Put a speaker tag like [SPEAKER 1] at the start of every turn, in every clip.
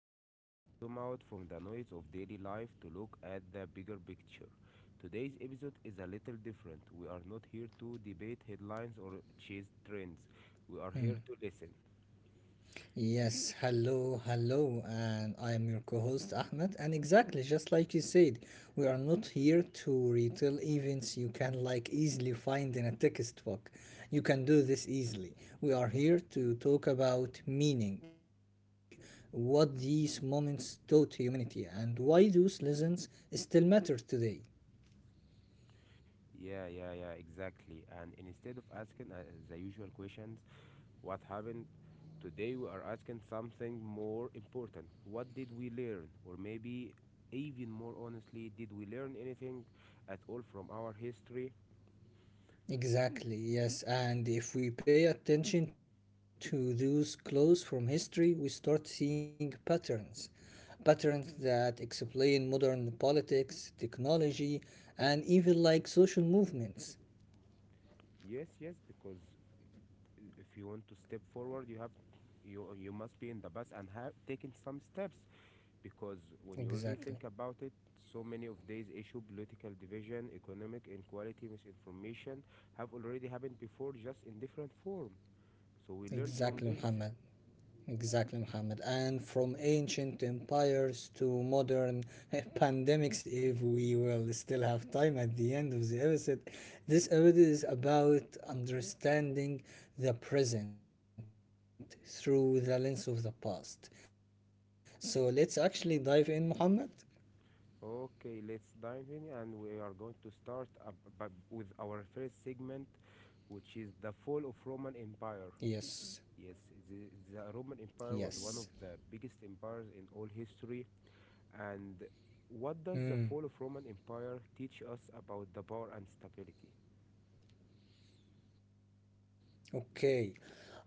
[SPEAKER 1] take a breath, and zoom out from the noise of daily life to look at the bigger picture. Today's episode is a little different. We are not here to debate headlines or chase trends, we are here
[SPEAKER 2] Hmm.
[SPEAKER 1] to listen.
[SPEAKER 2] Yes, hello, hello, and I am your co host Ahmed. And exactly, just like you said, we are not here to retell events you can like easily find in a textbook. You can do this easily. We are here to talk about meaning, what these moments taught humanity, and why those lessons still matter today.
[SPEAKER 1] Yeah, yeah, yeah, exactly. And instead of asking the usual questions, what happened. Today we are asking something more important. What did we learn? Or maybe even more honestly, did we learn anything at all from our history?
[SPEAKER 2] Exactly, yes. And if we pay attention to those clues from history, we start seeing patterns. Patterns that explain modern politics, technology, and even like social movements.
[SPEAKER 1] Yes, yes, because if you want to step forward, you have you you must be in the past and have taken some steps because when
[SPEAKER 2] Exactly,
[SPEAKER 1] you really think about it, so many of these issue political division economic inequality misinformation have already happened before, just in different form, so we learn
[SPEAKER 2] exactly,
[SPEAKER 1] from
[SPEAKER 2] Muhammad.
[SPEAKER 1] this.
[SPEAKER 2] Exactly, Muhammad. And from ancient empires to modern pandemics, if we will still have time at the end of the episode, this episode is about understanding the present through the lens of the past. So let's actually dive in, Muhammad.
[SPEAKER 1] Okay, let's dive in, and we are going to start up with our first segment, which is the fall of Roman Empire.
[SPEAKER 2] Yes,
[SPEAKER 1] Yes, the Roman Empire was
[SPEAKER 2] yes.
[SPEAKER 1] one of the biggest empires in all history. And what does the fall of
[SPEAKER 2] Hmm.
[SPEAKER 1] Roman Empire teach us about the power and stability?
[SPEAKER 2] Okay,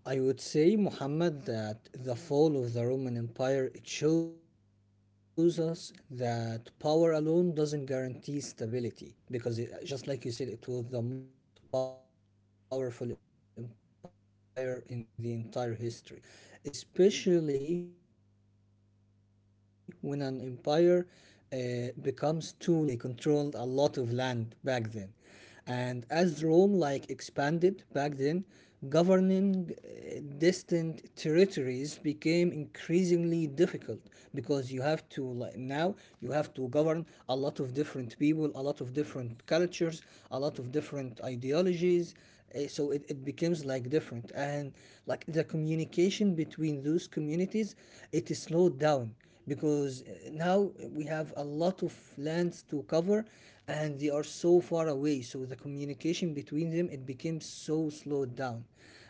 [SPEAKER 2] I would say, Muhammad, that the fall of the Roman Empire it shows us that power alone doesn't guarantee stability because it, just like you said, it was the most powerful empire in the entire history, especially when an empire becomes too large to manage, you know, because it was too large and they controlled a lot of land back then. And as Rome like expanded back then, governing distant territories became increasingly difficult because you have to like now you have to govern a lot of different people, a lot of
[SPEAKER 1] Yes.
[SPEAKER 2] different cultures, a lot of different ideologies, so it becomes like different and like the communication between those communities it is slowed down because now we have a lot of lands to cover and they are so far away, so the communication between them it became so slowed down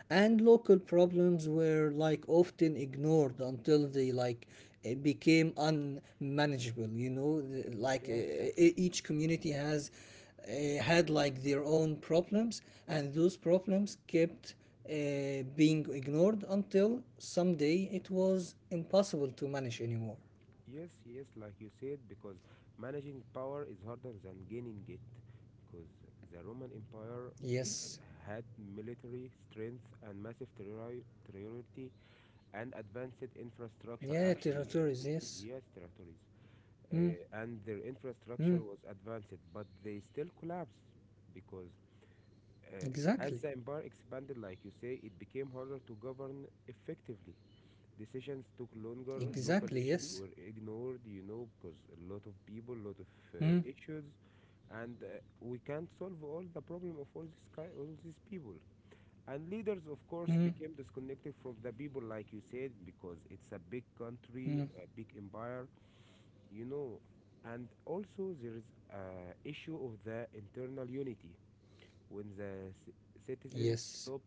[SPEAKER 2] and local problems were like often ignored until they like became unmanageable, you know.
[SPEAKER 1] Yes.
[SPEAKER 2] Each community has had like their own problems and those problems kept being ignored until someday it was impossible to manage anymore.
[SPEAKER 1] Yes, yes, like you said, because managing power is harder than gaining it. Because the Roman Empire
[SPEAKER 2] Yes.
[SPEAKER 1] eh, had military strength and massive territory and advanced infrastructure,
[SPEAKER 2] Yeah, yeah,
[SPEAKER 1] actually.
[SPEAKER 2] territories, yes.
[SPEAKER 1] Yes, territories.
[SPEAKER 2] Hmm.
[SPEAKER 1] And their
[SPEAKER 2] Hmm.
[SPEAKER 1] infrastructure was advanced, but they still collapsed because uh, as
[SPEAKER 2] Exactly.
[SPEAKER 1] the empire expanded, like you say, it became harder to govern effectively. Decisions took longer, local
[SPEAKER 2] Exactly,
[SPEAKER 1] issues
[SPEAKER 2] yes.
[SPEAKER 1] were ignored, you know, because a lot of people, a lot of uh,
[SPEAKER 2] Hmm.
[SPEAKER 1] issues, and we can't solve all the problem of all all these people. And leaders, of course,
[SPEAKER 2] Hmm.
[SPEAKER 1] became disconnected from the people, like you said, because it's a big country,
[SPEAKER 2] Hmm.
[SPEAKER 1] a big empire, you know. And also, there is a issue of the internal unity when citizens stop
[SPEAKER 2] Yes.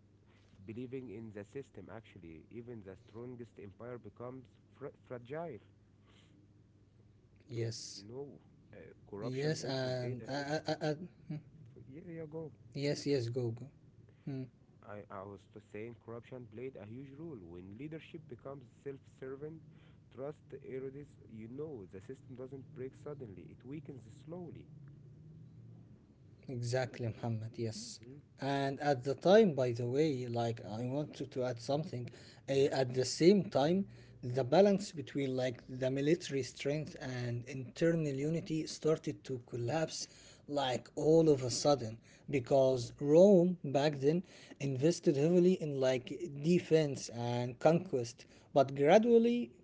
[SPEAKER 1] believing in the system, actually even the strongest empire becomes fragile,
[SPEAKER 2] Yes.
[SPEAKER 1] you know. Uh,
[SPEAKER 2] Yes,
[SPEAKER 1] corruption also
[SPEAKER 2] and
[SPEAKER 1] played a huge
[SPEAKER 2] uh, uh,
[SPEAKER 1] role.
[SPEAKER 2] mm,
[SPEAKER 1] Yeah, yeah, go.
[SPEAKER 2] yes, yes, go. Mm,
[SPEAKER 1] I saying corruption played a huge role when leadership becomes self-serving, trust erodes, you know the system doesn't break suddenly, it weakens slowly.
[SPEAKER 2] exactly, Muhammad. Yes.
[SPEAKER 1] Mhm.
[SPEAKER 2] And at the time, by the way, like I want to add something.
[SPEAKER 1] Yeah.
[SPEAKER 2] At the same time, the balance between like the military strength and internal unity started to collapse like all of a sudden because Rome back then invested heavily in like defense and conquest, but gradually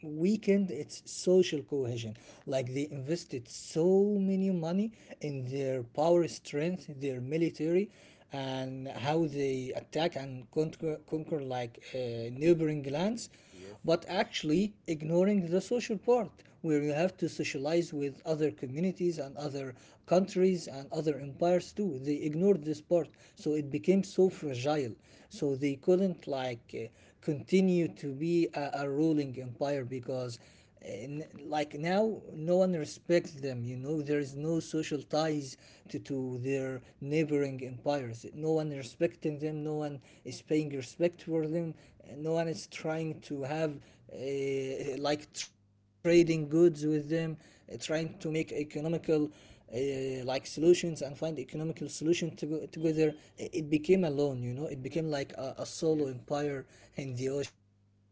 [SPEAKER 2] weakened its social cohesion. Like they invested so many money in their power strength, their military, and how they attack and conquer, conquer like neighboring lands,
[SPEAKER 1] Yes,
[SPEAKER 2] but actually ignoring the social part where you have to socialize with other communities and other countries and other empires too. They ignored this part, so it became so fragile. So they couldn't like continue to be a ruling empire because uh, n- like now no one respects them, you know, there is no social ties to their neighboring empires, no one respecting them, no one is paying respect for them, no one is trying to have like trading goods with them, trying to make economical like solutions and find economical solution to go together. It became alone, you know, it became like a solo
[SPEAKER 1] yes.
[SPEAKER 2] empire in the ocean alone.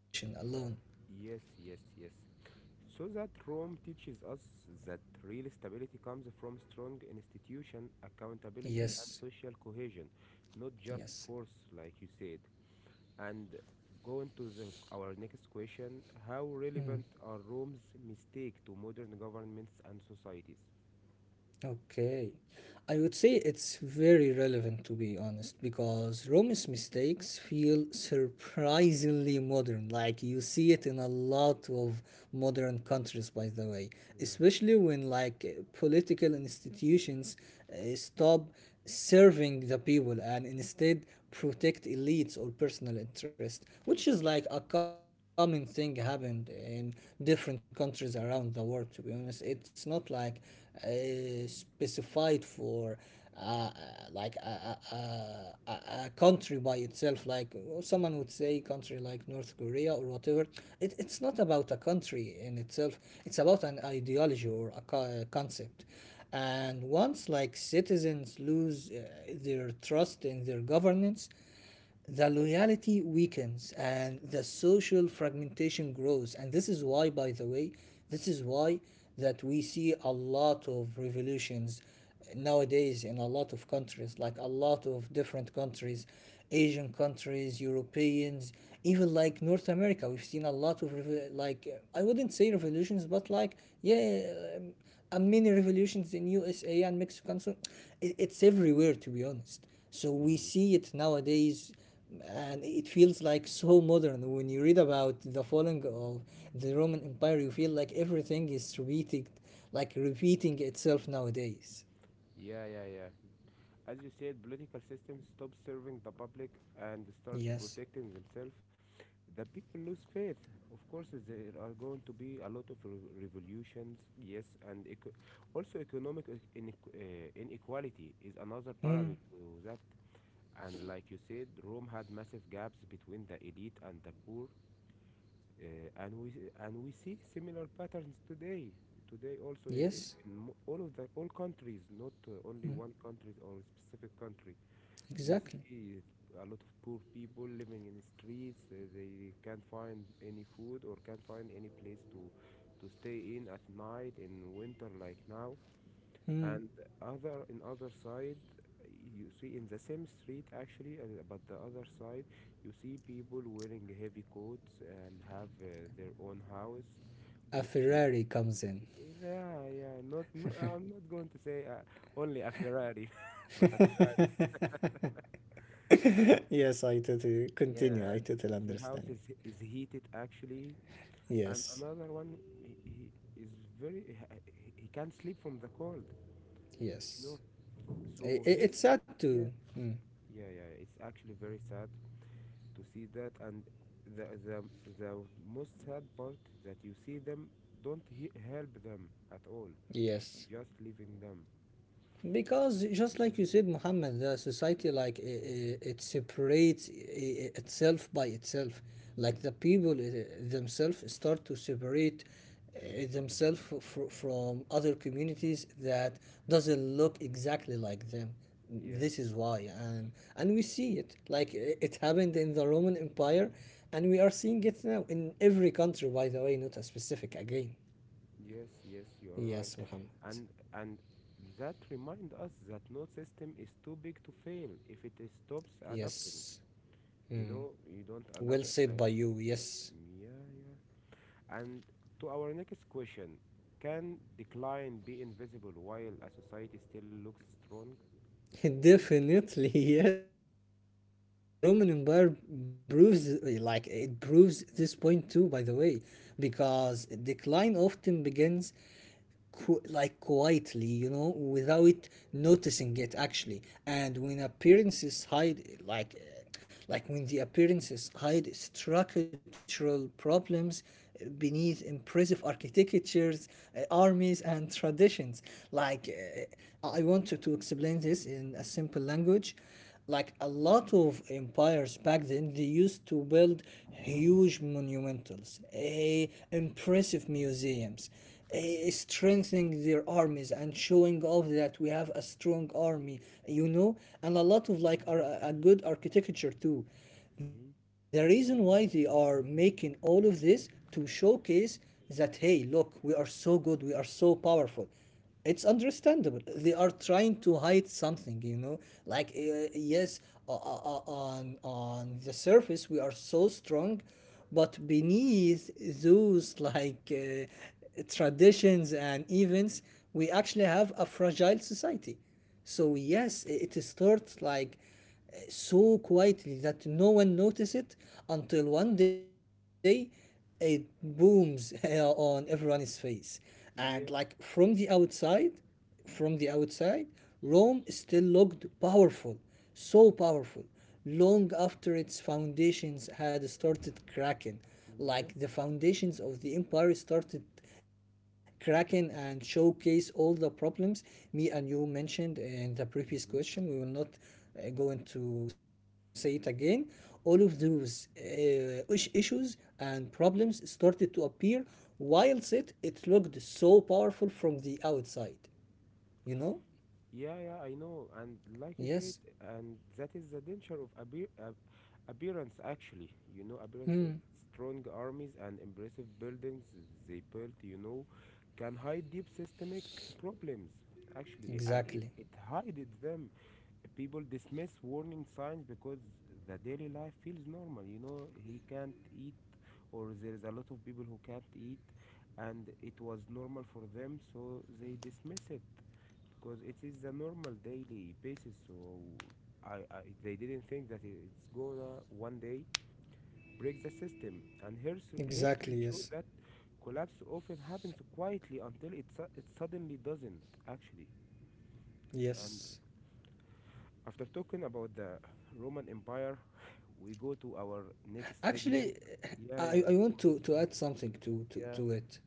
[SPEAKER 1] Y- yes, yes, yes. So that Rome teaches us that real stability comes from strong institution, accountability, and
[SPEAKER 2] Yes,
[SPEAKER 1] social cohesion, not just
[SPEAKER 2] yes.
[SPEAKER 1] force, like you said. And going to our next question, how
[SPEAKER 2] Hmm.
[SPEAKER 1] relevant are Rome's mistake to modern governments and societies?
[SPEAKER 2] Okay. I would say it's very relevant, to be honest, because Rome's mistakes feel surprisingly modern. Like you see it in a lot of modern countries, by the way,
[SPEAKER 1] Yeah.
[SPEAKER 2] especially when like political institutions stop serving the people and instead protect elites or personal interest, which is like a common thing happened in different countries around the world. To be honest, it's not like specified for uh, like a country by itself, like someone would say, country like North Korea or whatever. It's not about a country in itself, it's about an ideology or a a concept. And once, like citizens lose their trust in their governance, the loyalty weakens and the social fragmentation grows, and this is why, by the way, this is why that we see a lot of revolutions nowadays in a lot of countries, like a lot of different countries, Asian countries, Europeans, even like North America. We've seen a lot of like I wouldn't say revolutions, but like yeah, um, many revolutions in USA and Mexico and so it's everywhere, to be honest, so we
[SPEAKER 1] Hmm.
[SPEAKER 2] see it nowadays, and it feels like so modern. When you read about the falling of the Roman Empire, you feel like everything is repeated, like repeating itself nowadays.
[SPEAKER 1] Yeah, yeah, yeah. As you said, political systems stop serving the public and start
[SPEAKER 2] Yes.
[SPEAKER 1] protecting themselves, the people lose faith. Of course, there are going to be a lot of revolutions, yes, and also economic inequality is another
[SPEAKER 2] Hmm.
[SPEAKER 1] parallel to that. And like you said, Rome had massive gaps between the elite and the poor, uh, and we and we see similar patterns today. Today also
[SPEAKER 2] Yes.
[SPEAKER 1] in all of the all countries, not only
[SPEAKER 2] Hmm.
[SPEAKER 1] one country or a specific country. You
[SPEAKER 2] Exactly.
[SPEAKER 1] see a lot of poor people living in streets. They can't find any food or can't find any place to stay in at night in winter like now.
[SPEAKER 2] Hmm.
[SPEAKER 1] And other in other side, you see in the same street actually, but the other side, you see people wearing heavy coats and have their own house,
[SPEAKER 2] A
[SPEAKER 1] which is
[SPEAKER 2] Ferrari comes in.
[SPEAKER 1] yeah, yeah. Not, no, I'm not going to say only a Ferrari, but a Ferrari.
[SPEAKER 2] Yes, I totally
[SPEAKER 1] Yeah,
[SPEAKER 2] continue. I totally
[SPEAKER 1] and their house
[SPEAKER 2] understand.
[SPEAKER 1] is heated actually, and
[SPEAKER 2] Yes.
[SPEAKER 1] another one he is very he can't sleep from the cold, you
[SPEAKER 2] Yes.
[SPEAKER 1] know. So his
[SPEAKER 2] It's sad to.
[SPEAKER 1] yeah,
[SPEAKER 2] Hmm.
[SPEAKER 1] yeah, yeah, it's actually very sad to see that, and the the the most sad part that you see them don't help them at all,
[SPEAKER 2] Yes.
[SPEAKER 1] just leaving them.
[SPEAKER 2] Because just like you said, Muhammad, the society like it separates itself by itself. Like
[SPEAKER 1] Mhm.
[SPEAKER 2] the people themselves start to separate themselves from other communities that doesn't look exactly like them.
[SPEAKER 1] Yeah.
[SPEAKER 2] This is why, and we see it. Like it happened in the Roman Empire, and we are seeing it now in every country. By the way, not a specific again.
[SPEAKER 1] Yes, yes, you're right.
[SPEAKER 2] Yes, Muhammad.
[SPEAKER 1] And and that remind us that no system is too big to fail if it is stops adapting.
[SPEAKER 2] Yes.
[SPEAKER 1] You
[SPEAKER 2] Hmm.
[SPEAKER 1] know, you don't
[SPEAKER 2] Well
[SPEAKER 1] adapt
[SPEAKER 2] said
[SPEAKER 1] that.
[SPEAKER 2] by you, yes.
[SPEAKER 1] Yeah, yeah. And to our next question, can decline be invisible while a society still looks strong?
[SPEAKER 2] Definitely, yes, absolutely. The Roman Empire proves, like, it proves this point too, by the way, because decline often begins like quietly, you know, without noticing it actually. And when appearances hide, like when the appearances hide structural problems beneath impressive architectures, armies, and traditions. Like, I want to explain this in a simple language, like a lot of empires back then they used to build huge monumentals, impressive museums, strengthening their armies and showing off that we have a strong army, you know, and a lot of like are a good architecture too. The
[SPEAKER 1] Hmm.
[SPEAKER 2] reason why they are making all of this to showcase that hey, look, we are so good, we are so powerful. It's understandable they are trying to hide something, you know, like yes, uh, uh, on the surface we are so strong, but beneath those like traditions and events we actually have a fragile society. So yes, it starts like so quietly that no one notices it until one day it booms on everyone's face.
[SPEAKER 1] Yeah,
[SPEAKER 2] And like from the outside, from the outside, Rome still looked powerful, so powerful, long after its foundations had started
[SPEAKER 1] mm,
[SPEAKER 2] cracking.
[SPEAKER 1] yes.
[SPEAKER 2] Like the foundations of the empire started cracking and showcase all the problems me and you mentioned in the
[SPEAKER 1] Mm-hmm.
[SPEAKER 2] previous question. We will not go into say it again. All of those issues and problems started to appear, whilst it looked so powerful from the outside. You know?
[SPEAKER 1] Yeah, yeah, I know. And like you said, and
[SPEAKER 2] Yes.
[SPEAKER 1] that is the danger of appearance, actually. You know, appearance,
[SPEAKER 2] Hmm.
[SPEAKER 1] strong armies and impressive buildings they built, you know, can hide deep systemic problems, actually. And it
[SPEAKER 2] Exactly.
[SPEAKER 1] hides them, people dismiss warning signs because the daily life feels normal, you know he can't eat, or there's a lot of people who can't eat and it was normal for them, so they dismiss it because it is a normal daily basis, so I they didn't think that it's gonna one day break the system and history
[SPEAKER 2] Exactly.
[SPEAKER 1] shows that
[SPEAKER 2] Yes.
[SPEAKER 1] collapse often happens quietly until it, it suddenly doesn't actually. And
[SPEAKER 2] Yes.
[SPEAKER 1] after talking about the Roman Empire, we go to our next segment.
[SPEAKER 2] Actually,
[SPEAKER 1] Yeah, yeah,
[SPEAKER 2] I,
[SPEAKER 1] yeah,
[SPEAKER 2] I
[SPEAKER 1] of
[SPEAKER 2] want
[SPEAKER 1] course.
[SPEAKER 2] to add something
[SPEAKER 1] Yeah,
[SPEAKER 2] to it.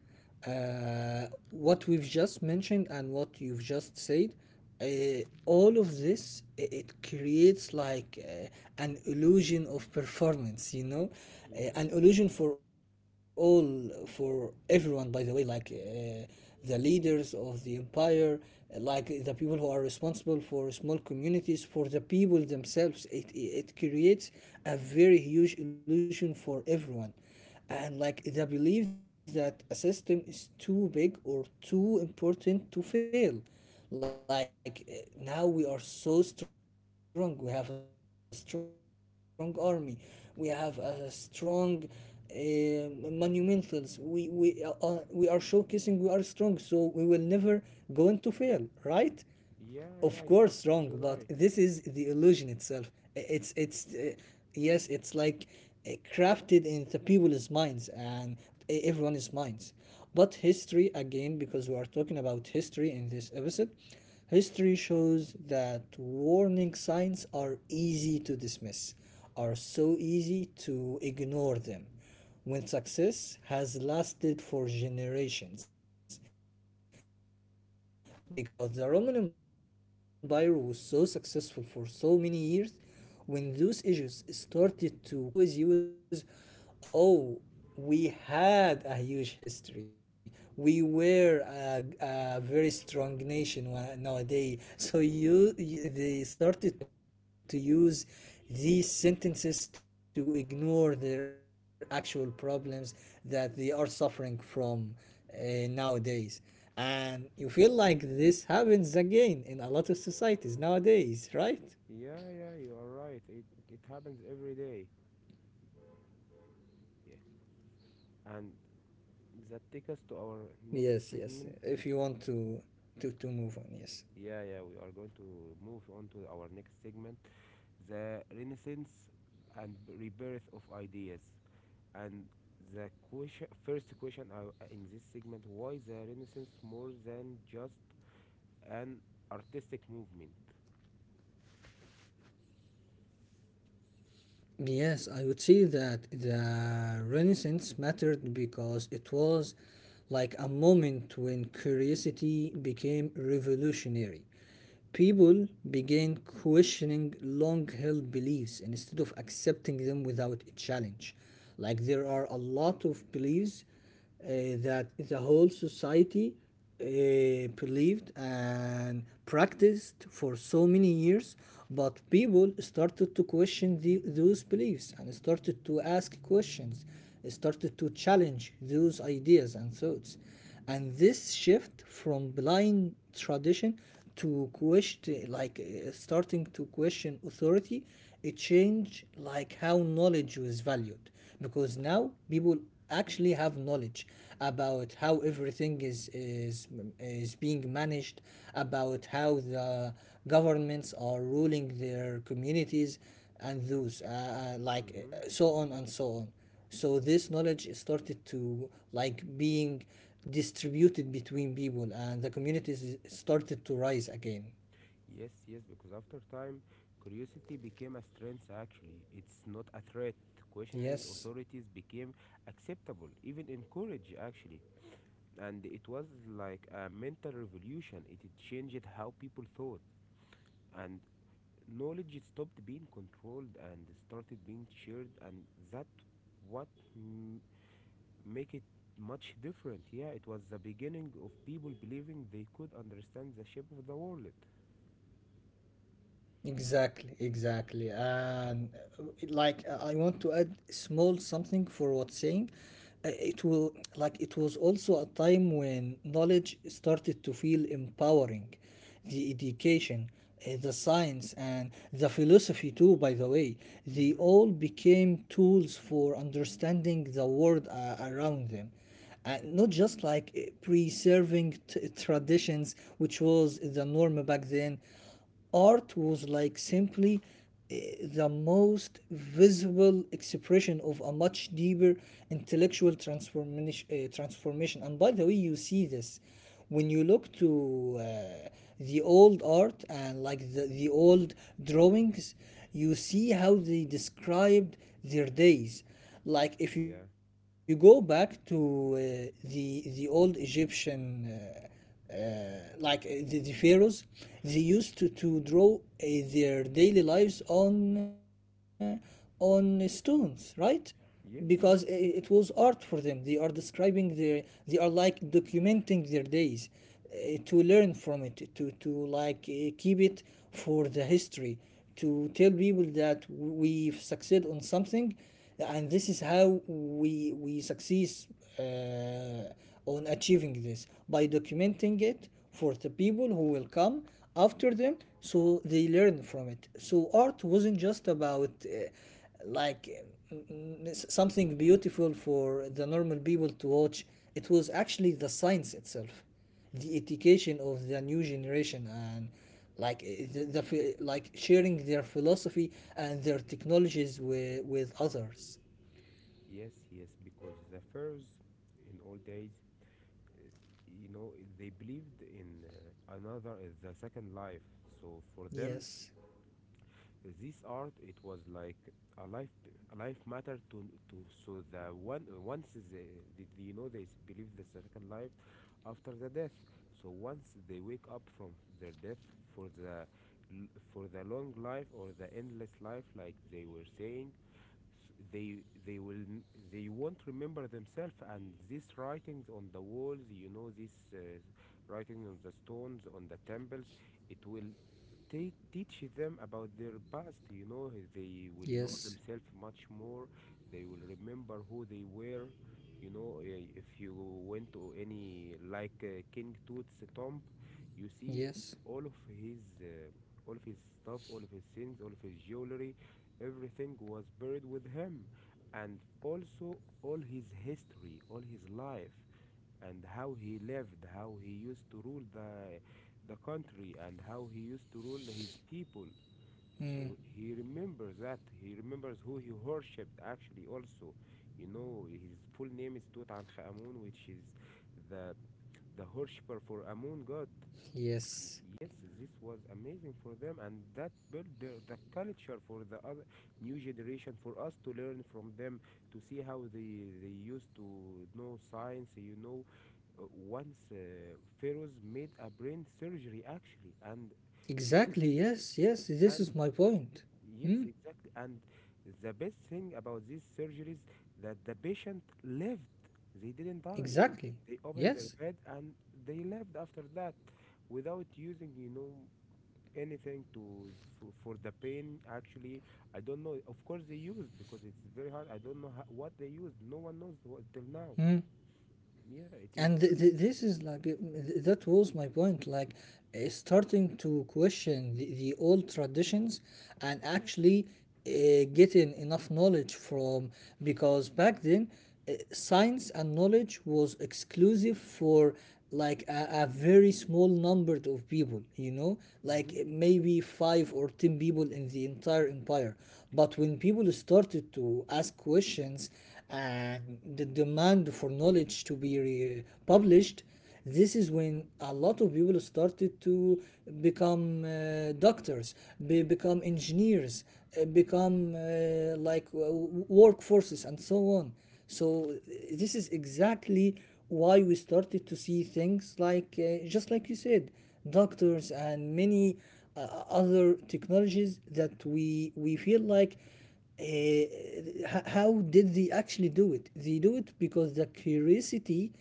[SPEAKER 2] What we've just mentioned and what you've just said, all of this, it creates like an illusion of performance, you know?
[SPEAKER 1] yeah,
[SPEAKER 2] An illusion for all, for everyone, by the way, like the leaders of the empire, like the people who are responsible for small communities, for the people themselves. It creates a very huge illusion for everyone. And like the belief that a system is too big or too important to fail. Like now we are so strong. We have a strong army. We have a strong monumentals. We we are showcasing we are strong, so we will never going to fail, right? Of course wrong, but
[SPEAKER 1] yeah, yeah,
[SPEAKER 2] this
[SPEAKER 1] you
[SPEAKER 2] is
[SPEAKER 1] are
[SPEAKER 2] the
[SPEAKER 1] totally right.
[SPEAKER 2] illusion itself. It's yes it's like crafted in the people's minds and everyone's minds. But history, again, because we are talking about history in this episode, history shows that warning signs are easy to dismiss, are so easy to ignore them when success has lasted for generations. Because the Roman Empire was so successful for so many years, when those issues started to crack, they ignored it. Why? Because they always use, oh, we had a huge history. We were a very strong nation nowadays. So you they started to use these sentences to ignore their actual problems that they are suffering from uh, nowadays. And you feel like this happens again in a lot of societies nowadays, right?
[SPEAKER 1] Yeah, yeah, you are right. It happens every day. Yeah. And that takes us to
[SPEAKER 2] Yes,
[SPEAKER 1] our
[SPEAKER 2] yes. If
[SPEAKER 1] next
[SPEAKER 2] you want
[SPEAKER 1] segment.
[SPEAKER 2] to to move on, yes.
[SPEAKER 1] Yeah, yeah, we are going to move on to our next segment, the Renaissance and rebirth of ideas. And the question, first question in this segment, why the Renaissance more than just an artistic movement?
[SPEAKER 2] Yes, I would say that the Renaissance mattered because it was like a moment when curiosity became revolutionary. People began questioning long held beliefs instead of accepting them without a challenge. Like, there are a lot of beliefs uh, that the whole society uh, believed and practiced for so many years, but people started to question those beliefs and started to ask questions, started to challenge those ideas and thoughts, and this shift from blind tradition to question, starting to question authority, it changed like how knowledge was valued, because now people actually have knowledge about how everything is being managed, about how the governments are ruling their communities, and those
[SPEAKER 1] Hmm.
[SPEAKER 2] so on and so on. So this knowledge started to like being distributed between people, and the communities started to rise again.
[SPEAKER 1] Yes, yes, because after time, curiosity became a strength actually. It's not a threat. Questioning
[SPEAKER 2] Yes.
[SPEAKER 1] authorities became acceptable, even encouraged actually. And it was like a mental revolution. It changed how people thought and knowledge stopped being controlled and started being shared, and that what m- make it much different. Yeah, it was the beginning of people believing they could understand the shape of the world.
[SPEAKER 2] Exactly, exactly. And uh, I want to add small something for what's saying. It will like it was also a time when knowledge started to feel empowering. The education, the science, and the philosophy too, by the way, they
[SPEAKER 1] Mm-hmm.
[SPEAKER 2] all became tools for understanding the world around them, and not just preserving traditions, which was the norm back then. Art was like simply, uh, the most visible expression of a much deeper intellectual transformation, transformation. And by the way, you see this when you look to, the old art, and like the old drawings, you see how they described their days. Like if you
[SPEAKER 1] Yeah.
[SPEAKER 2] go back to, uh, the old Egyptian. Uh, uh, the pharaohs, they used to draw their daily lives on, on stones, right? Because
[SPEAKER 1] Yes,
[SPEAKER 2] it
[SPEAKER 1] yes.
[SPEAKER 2] was art for them. They are describing their, they are like documenting their days, to learn from it, to keep it for the history, to tell people that we've succeed on something. And this is how we succeed uh, on achieving this, by documenting it for the people who will come after them, so they learn from it. So art wasn't just about, like something beautiful for the normal people to watch. It was actually the science itself, the education of the new generation, and the sharing their philosophy and their technologies with others.
[SPEAKER 1] Yes, yes, because the pharaohs in old days, you know, they believed in another the second life. So for them,
[SPEAKER 2] Yes,
[SPEAKER 1] this art, it was like a life, a life matter to to. So the one once they, you know, they believe the second life after the death. So once they wake up from their death, for for the long life or the endless life, like they were saying, they they will n- they won't remember themselves, and these writings on the walls, you know, this writing on the stones on the temples, it will teach them about their past, you know they will know
[SPEAKER 2] yes,
[SPEAKER 1] themselves much more, they will remember who they were, you know. Eh, if you went to any King Tut's tomb, you see
[SPEAKER 2] yes.
[SPEAKER 1] all of his uh, all of his stuff, all of his things, all of his jewelry. Everything was buried with him, and also all his history, all his life, and how he lived, how he used to rule the country, and how he used to rule his people. So
[SPEAKER 2] Mm.
[SPEAKER 1] he remembers that. He remembers who he worshipped actually also. You know, his full name is Tutankhamun, which is the the worshipper for Amun god.
[SPEAKER 2] Yes,
[SPEAKER 1] Yes, this was amazing for them, and that built the culture for the other new generation, for us to learn from them, to see how they used to know science. You know, uh, once Pharaohs made a brain surgery actually,
[SPEAKER 2] exactly. Yes,
[SPEAKER 1] yes,
[SPEAKER 2] yes. This
[SPEAKER 1] and
[SPEAKER 2] is my point.
[SPEAKER 1] yes,
[SPEAKER 2] Hmm.
[SPEAKER 1] exactly. And the best thing about these surgeries that the patient lived; they didn't die.
[SPEAKER 2] Exactly.
[SPEAKER 1] They opened their
[SPEAKER 2] Yes.
[SPEAKER 1] head and they lived after that, without using, you know, anything to for the pain actually. I don't know, of course they used because it's very hard, I don't know how, what they used, no one knows what, till now.
[SPEAKER 2] Hmm.
[SPEAKER 1] Yeah, it is.
[SPEAKER 2] And this is that was my point. Starting to question the old traditions, and actually getting enough knowledge from. Because back then, science and knowledge was exclusive for like a very small number of people, you know like
[SPEAKER 1] Mm-hmm.
[SPEAKER 2] maybe five or ten people in the entire empire. But when people started to ask questions, and the demand for knowledge to be published, this is when a lot of people started to become doctors, become engineers, become workforces, and so on. So this is exactly why we started to see things like, just like you said, doctors and many other technologies that we feel like, how did they actually do it? They do it because the curiosity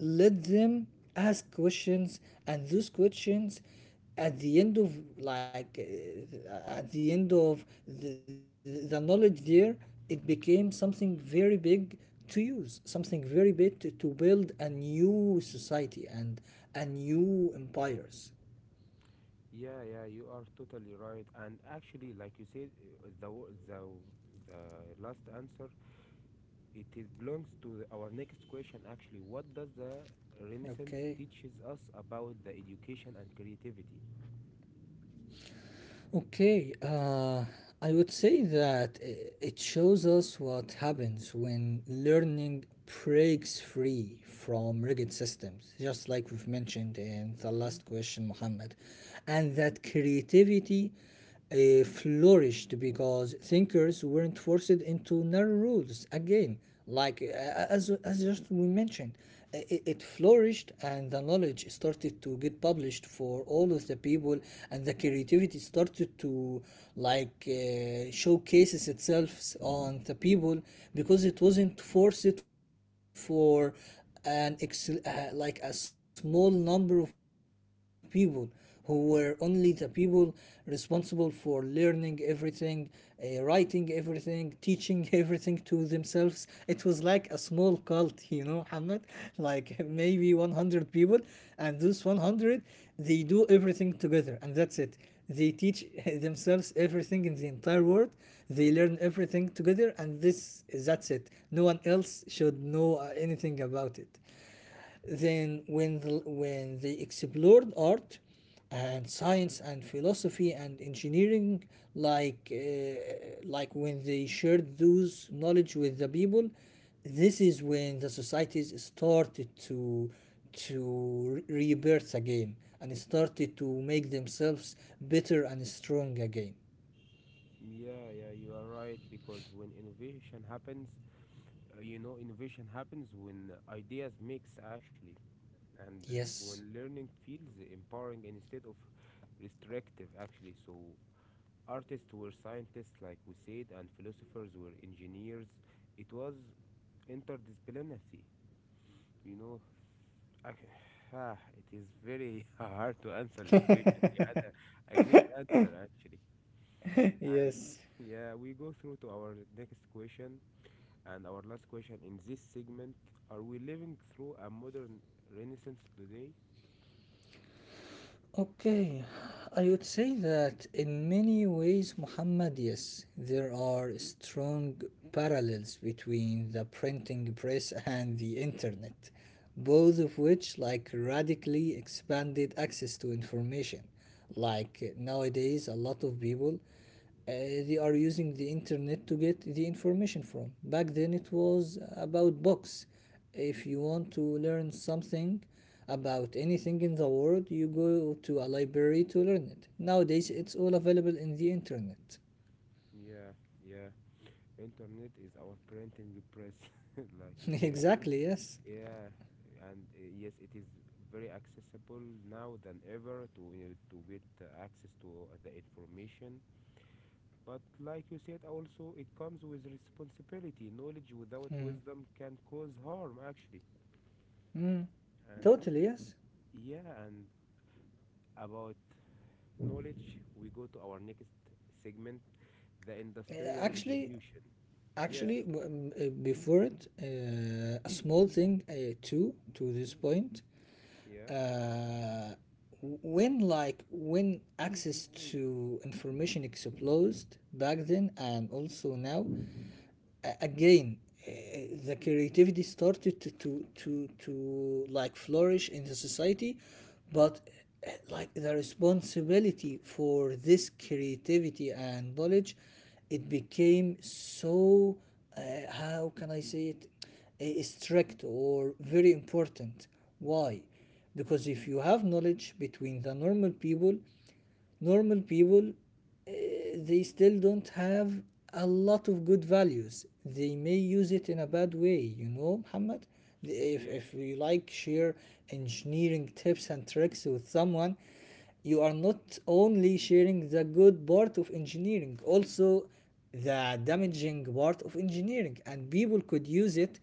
[SPEAKER 2] let them ask questions. And those questions, at the end of at the end of the knowledge there, it became something very big, to use something very big, to build a new society and a new empires.
[SPEAKER 1] Yeah, yeah, you are totally right, and actually like you said, the the last answer it is belongs to our next question actually, what does the Renaissance
[SPEAKER 2] Okay.
[SPEAKER 1] teaches us about the education and creativity.
[SPEAKER 2] Okay, I would say that it shows us what happens when learning breaks free from rigid systems, just like we've mentioned in the
[SPEAKER 1] Mm-hmm.
[SPEAKER 2] last question, Muhammad, and that creativity flourished because thinkers weren't forced into narrow rules again, like uh, as just we mentioned, it flourished and the knowledge started to get published for all of the people, and the creativity started to showcases itself on the people, because it wasn't forced for an ex- like a small number of people who were only the people responsible for learning everything, writing everything, teaching everything to themselves. It was like a small cult, you know, Hamad, like maybe 100 people, and those 100, they do everything together, and that's it. They teach themselves everything in the entire world. They learn everything together, and this that's it. No one else should know anything about it. Then, when when they explored art and science and philosophy and engineering, like uh, like when they shared those knowledge with the people, this is when the societies started to rebirth again, and started to make themselves better and strong again.
[SPEAKER 1] Yeah, yeah, you are right because when innovation happens, uh, you know, innovation happens when ideas mix actually, and when
[SPEAKER 2] Yes.
[SPEAKER 1] learning feels empowering instead of restrictive actually. So, artists were scientists, like we said, and philosophers were engineers. It was interdisciplinary, you know. Okay. Ah, it is very hard to answer this question. You had a great answer actually.
[SPEAKER 2] Yes.
[SPEAKER 1] Yeah, we go through to our next question. And our last question in this segment, are we living through a modern renaissance today?
[SPEAKER 2] Okay, I would say that in many ways, Muhammad, yes, there are strong parallels between the printing press and the internet, both of which like radically expanded access to information. Like nowadays, a lot of people, they are using the internet to get the information from. Back then, it was about books. If you want to learn something about anything in the world, you go to a library to learn it. Nowadays, it's all available in the internet.
[SPEAKER 1] Yeah, yeah. Internet is our printing press, like you said.
[SPEAKER 2] Exactly, yes.
[SPEAKER 1] Yeah, and yes, it is very accessible now than ever to get access to the information. But like you said, also it comes with responsibility. Knowledge without
[SPEAKER 2] Mm.
[SPEAKER 1] wisdom can cause harm, actually.
[SPEAKER 2] Mm.
[SPEAKER 1] And
[SPEAKER 2] Totally, yes.
[SPEAKER 1] yeah, and about knowledge, we go to our next segment, the
[SPEAKER 2] Uh,
[SPEAKER 1] Industrial
[SPEAKER 2] actually,
[SPEAKER 1] Revolution. Yes,
[SPEAKER 2] Actually, before it, a small thing too to this point.
[SPEAKER 1] yeah,
[SPEAKER 2] uh, when like when access to information exploded back then, and also now again, uh, the creativity started to flourish in the society. But the responsibility for this creativity and knowledge, it became so, uh, how can I say it, strict or very important. Why? Because if you have knowledge between the normal people normal people uh, they still don't have a lot of good values. They may use it in a bad way, you know, Muhammad.
[SPEAKER 1] yeah,
[SPEAKER 2] If you like share engineering tips and tricks with someone, you are not only sharing the good part of engineering, also the damaging part of engineering, and people could use it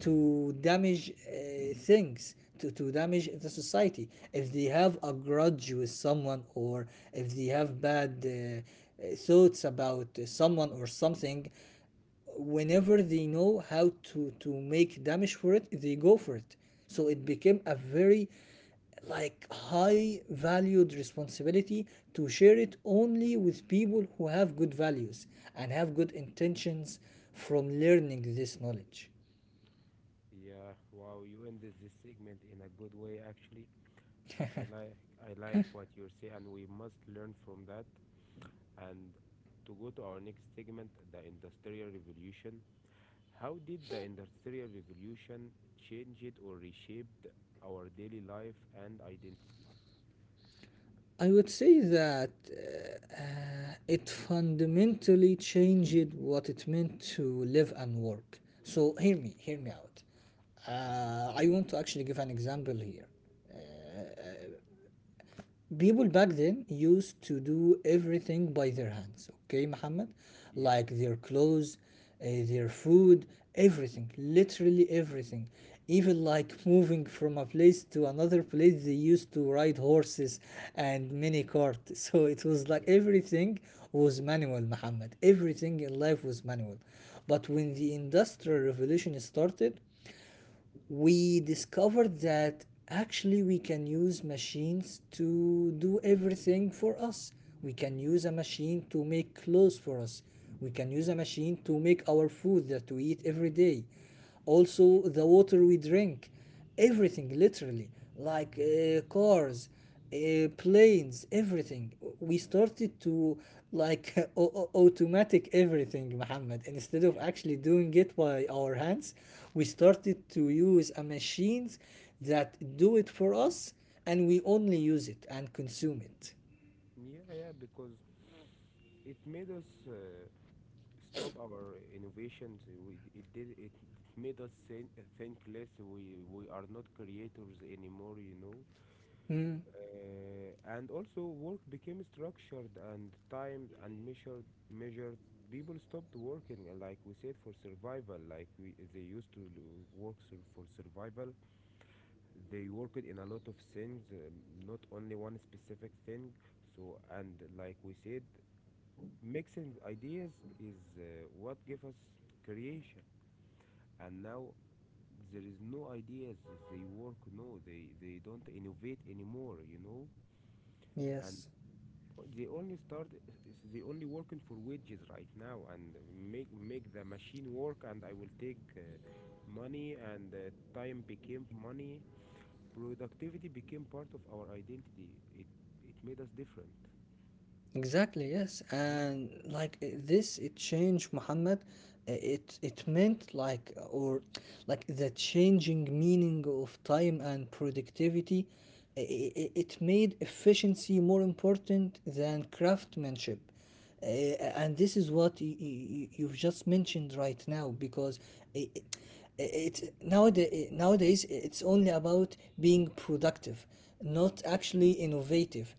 [SPEAKER 2] to damage things, to damage the society, if they have a grudge with someone, or if they have bad thoughts about someone or something. Whenever they know how to make damage for it, they go for it. So it became a very like high valued responsibility, to share it only with people who have good values and have good intentions from learning this knowledge.
[SPEAKER 1] yeah. Wow, you ended this segment in a good way, actually, and I like what you say. And we must learn from that. And to go to our next segment, the Industrial Revolution. How did the Industrial Revolution change it or reshaped our daily life and identity?
[SPEAKER 2] I would say that it fundamentally changed what it meant to live and work, so hear me out.
[SPEAKER 1] Mm-hmm.
[SPEAKER 2] I want to actually give an example here. People back then used to do everything by their hands, okay, Muhammad?
[SPEAKER 1] Yeah,
[SPEAKER 2] Like their clothes, their food, everything, literally everything. Even like moving from a place to another place, they used to ride horses and mini cart. So it was
[SPEAKER 1] yeah,
[SPEAKER 2] like everything was manual, Muhammad. Everything in life was manual. But when the Industrial Revolution started, we discovered that actually we can use machines to do everything for us. We can use a machine to make clothes for us. We can use a machine to make our food that we eat every day. Also, the water we drink, everything literally, cars, planes, everything, we started to automatic everything, Muhammad, instead of
[SPEAKER 1] yes,
[SPEAKER 2] actually doing it by our hands. We started to use a machines that do it for us, and we only use it and consume it.
[SPEAKER 1] yeah, yeah, because it made us stop our innovations. We, it did it made us think less. We are not creators anymore, you know.
[SPEAKER 2] Mm,
[SPEAKER 1] And also, work became structured and timed and measured. Measured. People stopped working, like we said, for survival. Like we, they used to l- work sur- for survival. They worked in a lot of things, not only one specific thing. So, and like we said, mixing ideas is what gives us creation. And now there is no ideas. They work. No, they don't innovate anymore. You know, and
[SPEAKER 2] yes.
[SPEAKER 1] they only start. They only working for wages right now and make the machine work. And I will take money. And time became money. Productivity became part of our identity. It made us different.
[SPEAKER 2] Exactly, yes. And this it changed, Muhammad. It meant or like the changing meaning of time and productivity. It made efficiency more important than craftsmanship. And this is what you've just mentioned right now, because it it nowadays it's only about being productive, not
[SPEAKER 1] Yes.
[SPEAKER 2] actually innovative.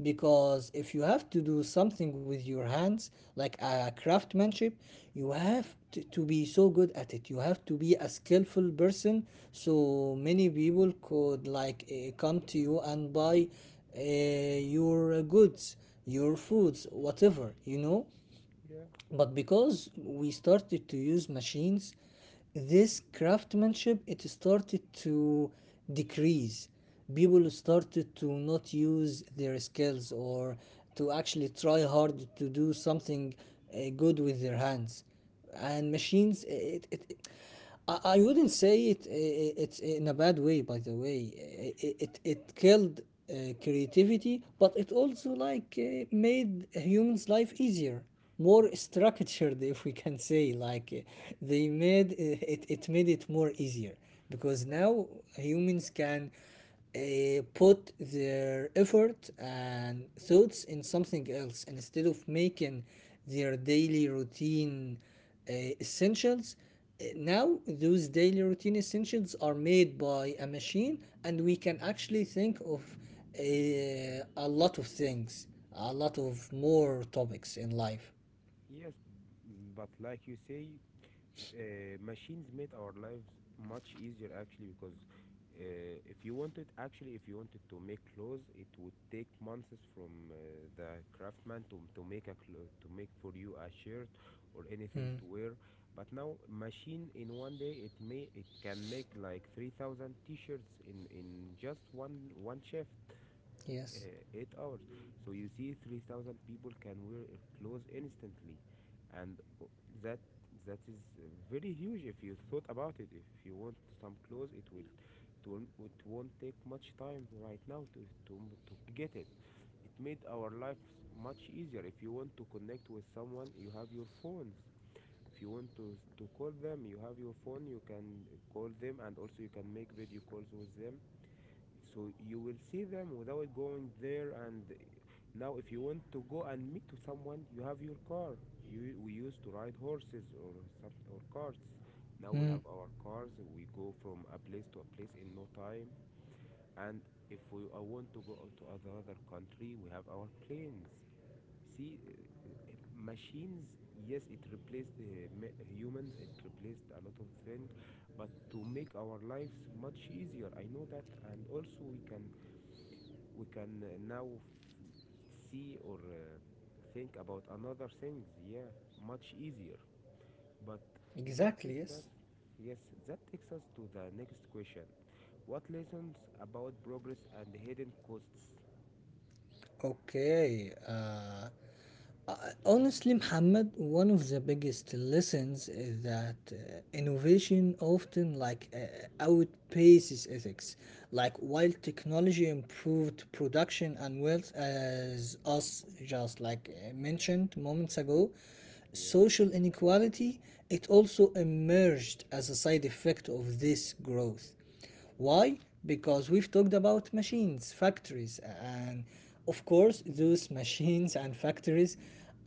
[SPEAKER 2] Because if you have to do something with your hands like a craftsmanship, you have to be so good at it. You have to be a skillful person, so many people could like come to you and buy your goods, your foods, whatever.
[SPEAKER 1] Yeah.
[SPEAKER 2] But because we started to use machines, this craftsmanship it started to decrease. People started to not use their skills, or to actually try hard to do something good with their hands. And machines, it I wouldn't say it's in a bad way, by the way. It killed creativity, but it also made humans life easier, more
[SPEAKER 1] Ye-
[SPEAKER 2] structured if we can say, they made it made it more easier, because now humans can put their effort and thoughts in something else, instead of making their daily routine uh, essentials. Now, those daily routine essentials are made by a machine, and we can actually think of a lot of things, a lot of more topics in life.
[SPEAKER 1] Yes, but like you say, machines made our lives much easier actually because uh, if you wanted to make clothes, it would take months from the craftsman to make to make for you a shirt or anything
[SPEAKER 2] Mm,
[SPEAKER 1] to wear. But now machine in one day it can make like 3,000 t-shirts in just one chef,
[SPEAKER 2] yes.
[SPEAKER 1] 8 hours. So you see 3,000 people can wear clothes instantly. And o- that That is very huge. If you thought about it, if you want some clothes, it won't take much time right now to, to to get it. It made our lives much easier. If you want to connect with someone, you have your phones. If you want to call them, you have your phone. You can call them, and also you can make video calls with them, so you will see them without going there. And now if you want to go and meet to someone, you have your car. You We used to ride horses or some or carts. Now we
[SPEAKER 2] Mm,
[SPEAKER 1] have our cars. We go from a place to a place in no time. And if we want to go to another country, we have our planes. See machines, yes, it replaced humans. It replaced a lot of things but to make our lives much easier, I know that. And also we can now see or think about another things, yeah, much easier. But that
[SPEAKER 2] exactly, yes.
[SPEAKER 1] takes us, yes, that takes us to the next question: what lessons about progress and hidden costs?
[SPEAKER 2] Okay. Uh, Honestly, Muhammad, one of the biggest lessons is that innovation often outpaces ethics. Like while technology improved production and wealth, as us just mentioned moments ago,
[SPEAKER 1] Yes.
[SPEAKER 2] social inequality it also emerged as a side effect of this growth. Why? Because we've talked about machines, factories, and of course, those machines and factories,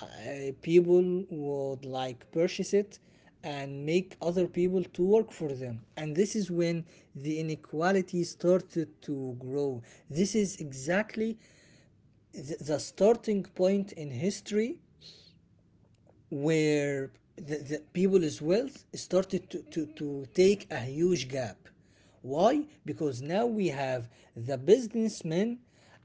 [SPEAKER 2] uh, people would like purchase it and make other people to work for them. And this is when the inequality started to grow. This is exactly the starting point in history where the people's wealth started to, to take a huge gap. Why? Because now we have the businessmen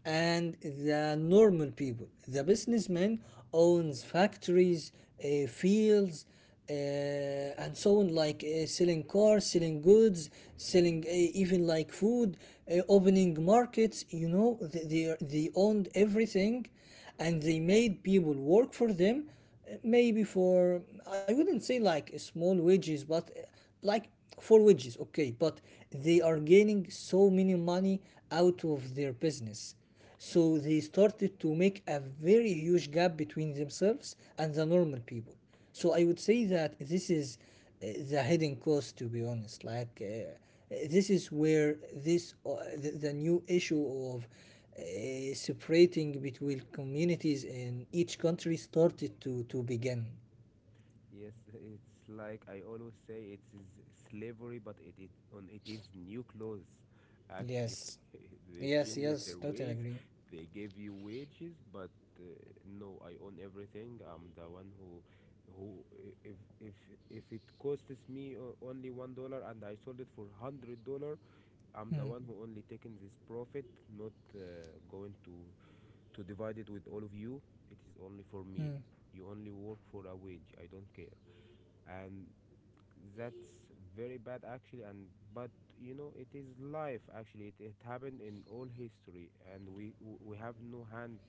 [SPEAKER 2] and the normal people. The businessman owns factories, fields, and so on, like selling cars, selling goods,
[SPEAKER 1] Mm-hmm.
[SPEAKER 2] selling even like food, opening markets. They owned everything, and
[SPEAKER 1] Yes.
[SPEAKER 2] they made people work for them maybe for I wouldn't say like small wages but like for wages, okay, but they are
[SPEAKER 1] Mm-hmm.
[SPEAKER 2] gaining so many money out of their business, so they started to make a very huge gap between themselves and the normal people. So I would say that this is the hidden cost, to be honest, like this is where the new issue of separating between communities in each country started to begin.
[SPEAKER 1] Yes, it's like I always say, it is slavery, but it is new clothes. Actually,
[SPEAKER 2] Yes,
[SPEAKER 1] they
[SPEAKER 2] yes,
[SPEAKER 1] changed their
[SPEAKER 2] yes,
[SPEAKER 1] ways.
[SPEAKER 2] totally agree.
[SPEAKER 1] They gave you wages, but uh, no, I own everything. I'm the one who, if if if it costs me only $1 and I sold it for $100, I'm the one
[SPEAKER 2] Mm,
[SPEAKER 1] who only taking this profit, not going to divide it with all of you. It is only for me.
[SPEAKER 2] mm,
[SPEAKER 1] You only work for a wage. I don't care. And that's very bad actually. And but you know it is life actually. It happened in all history, and we have no hand to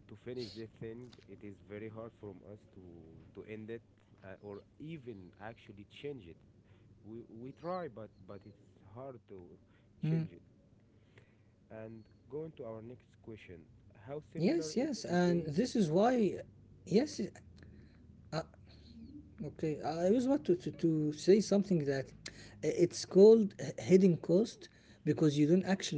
[SPEAKER 1] finish this thing. It is very hard from us to end it, or even actually change it. We try,
[SPEAKER 2] mm.
[SPEAKER 1] but it is hard to change it. And going to our
[SPEAKER 2] Yes,
[SPEAKER 1] next
[SPEAKER 2] yes,
[SPEAKER 1] question:
[SPEAKER 2] and this is
[SPEAKER 1] how
[SPEAKER 2] why
[SPEAKER 1] similar is
[SPEAKER 2] yes.
[SPEAKER 1] today?
[SPEAKER 2] I Okay, I was about to, to say something that it's called hidden cost because you don't actually see it.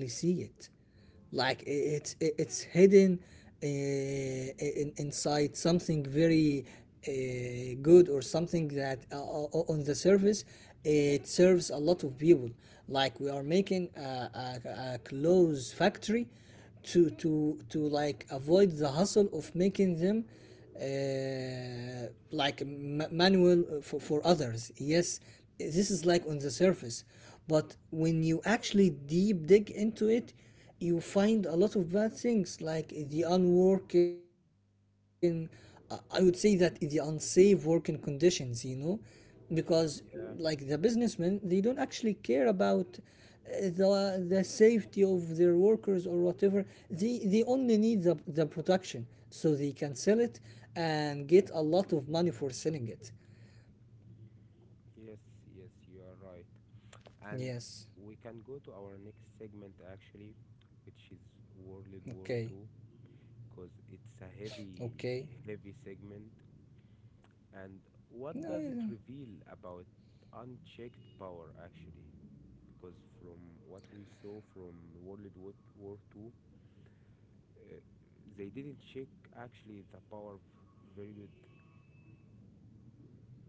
[SPEAKER 2] Like i- it's hidden inside something very good, or something that on the surface it serves a lot of people. Like we are making a clothes factory to like avoid the hustle of making them, like manual, for others, yes, this is like on the surface. But when you actually deep dig into it, you find a lot of bad things, like the unworking, I would say, that the unsafe working conditions, you know, because
[SPEAKER 1] Yeah.
[SPEAKER 2] like the businessmen, they don't actually care about the the safety of their workers or whatever. They only need the production, so they can sell it and get a lot of money for selling it.
[SPEAKER 1] Yes, yes, you are right. And we can
[SPEAKER 2] Yes,
[SPEAKER 1] go to our next segment actually, which is World War Two,
[SPEAKER 2] okay,
[SPEAKER 1] because it's a heavy heavy
[SPEAKER 2] okay,
[SPEAKER 1] segment. And what does it reveal
[SPEAKER 2] no.
[SPEAKER 1] about unchecked power actually? Because from what we saw from World War Two, uh, they didn't check actually the power very good.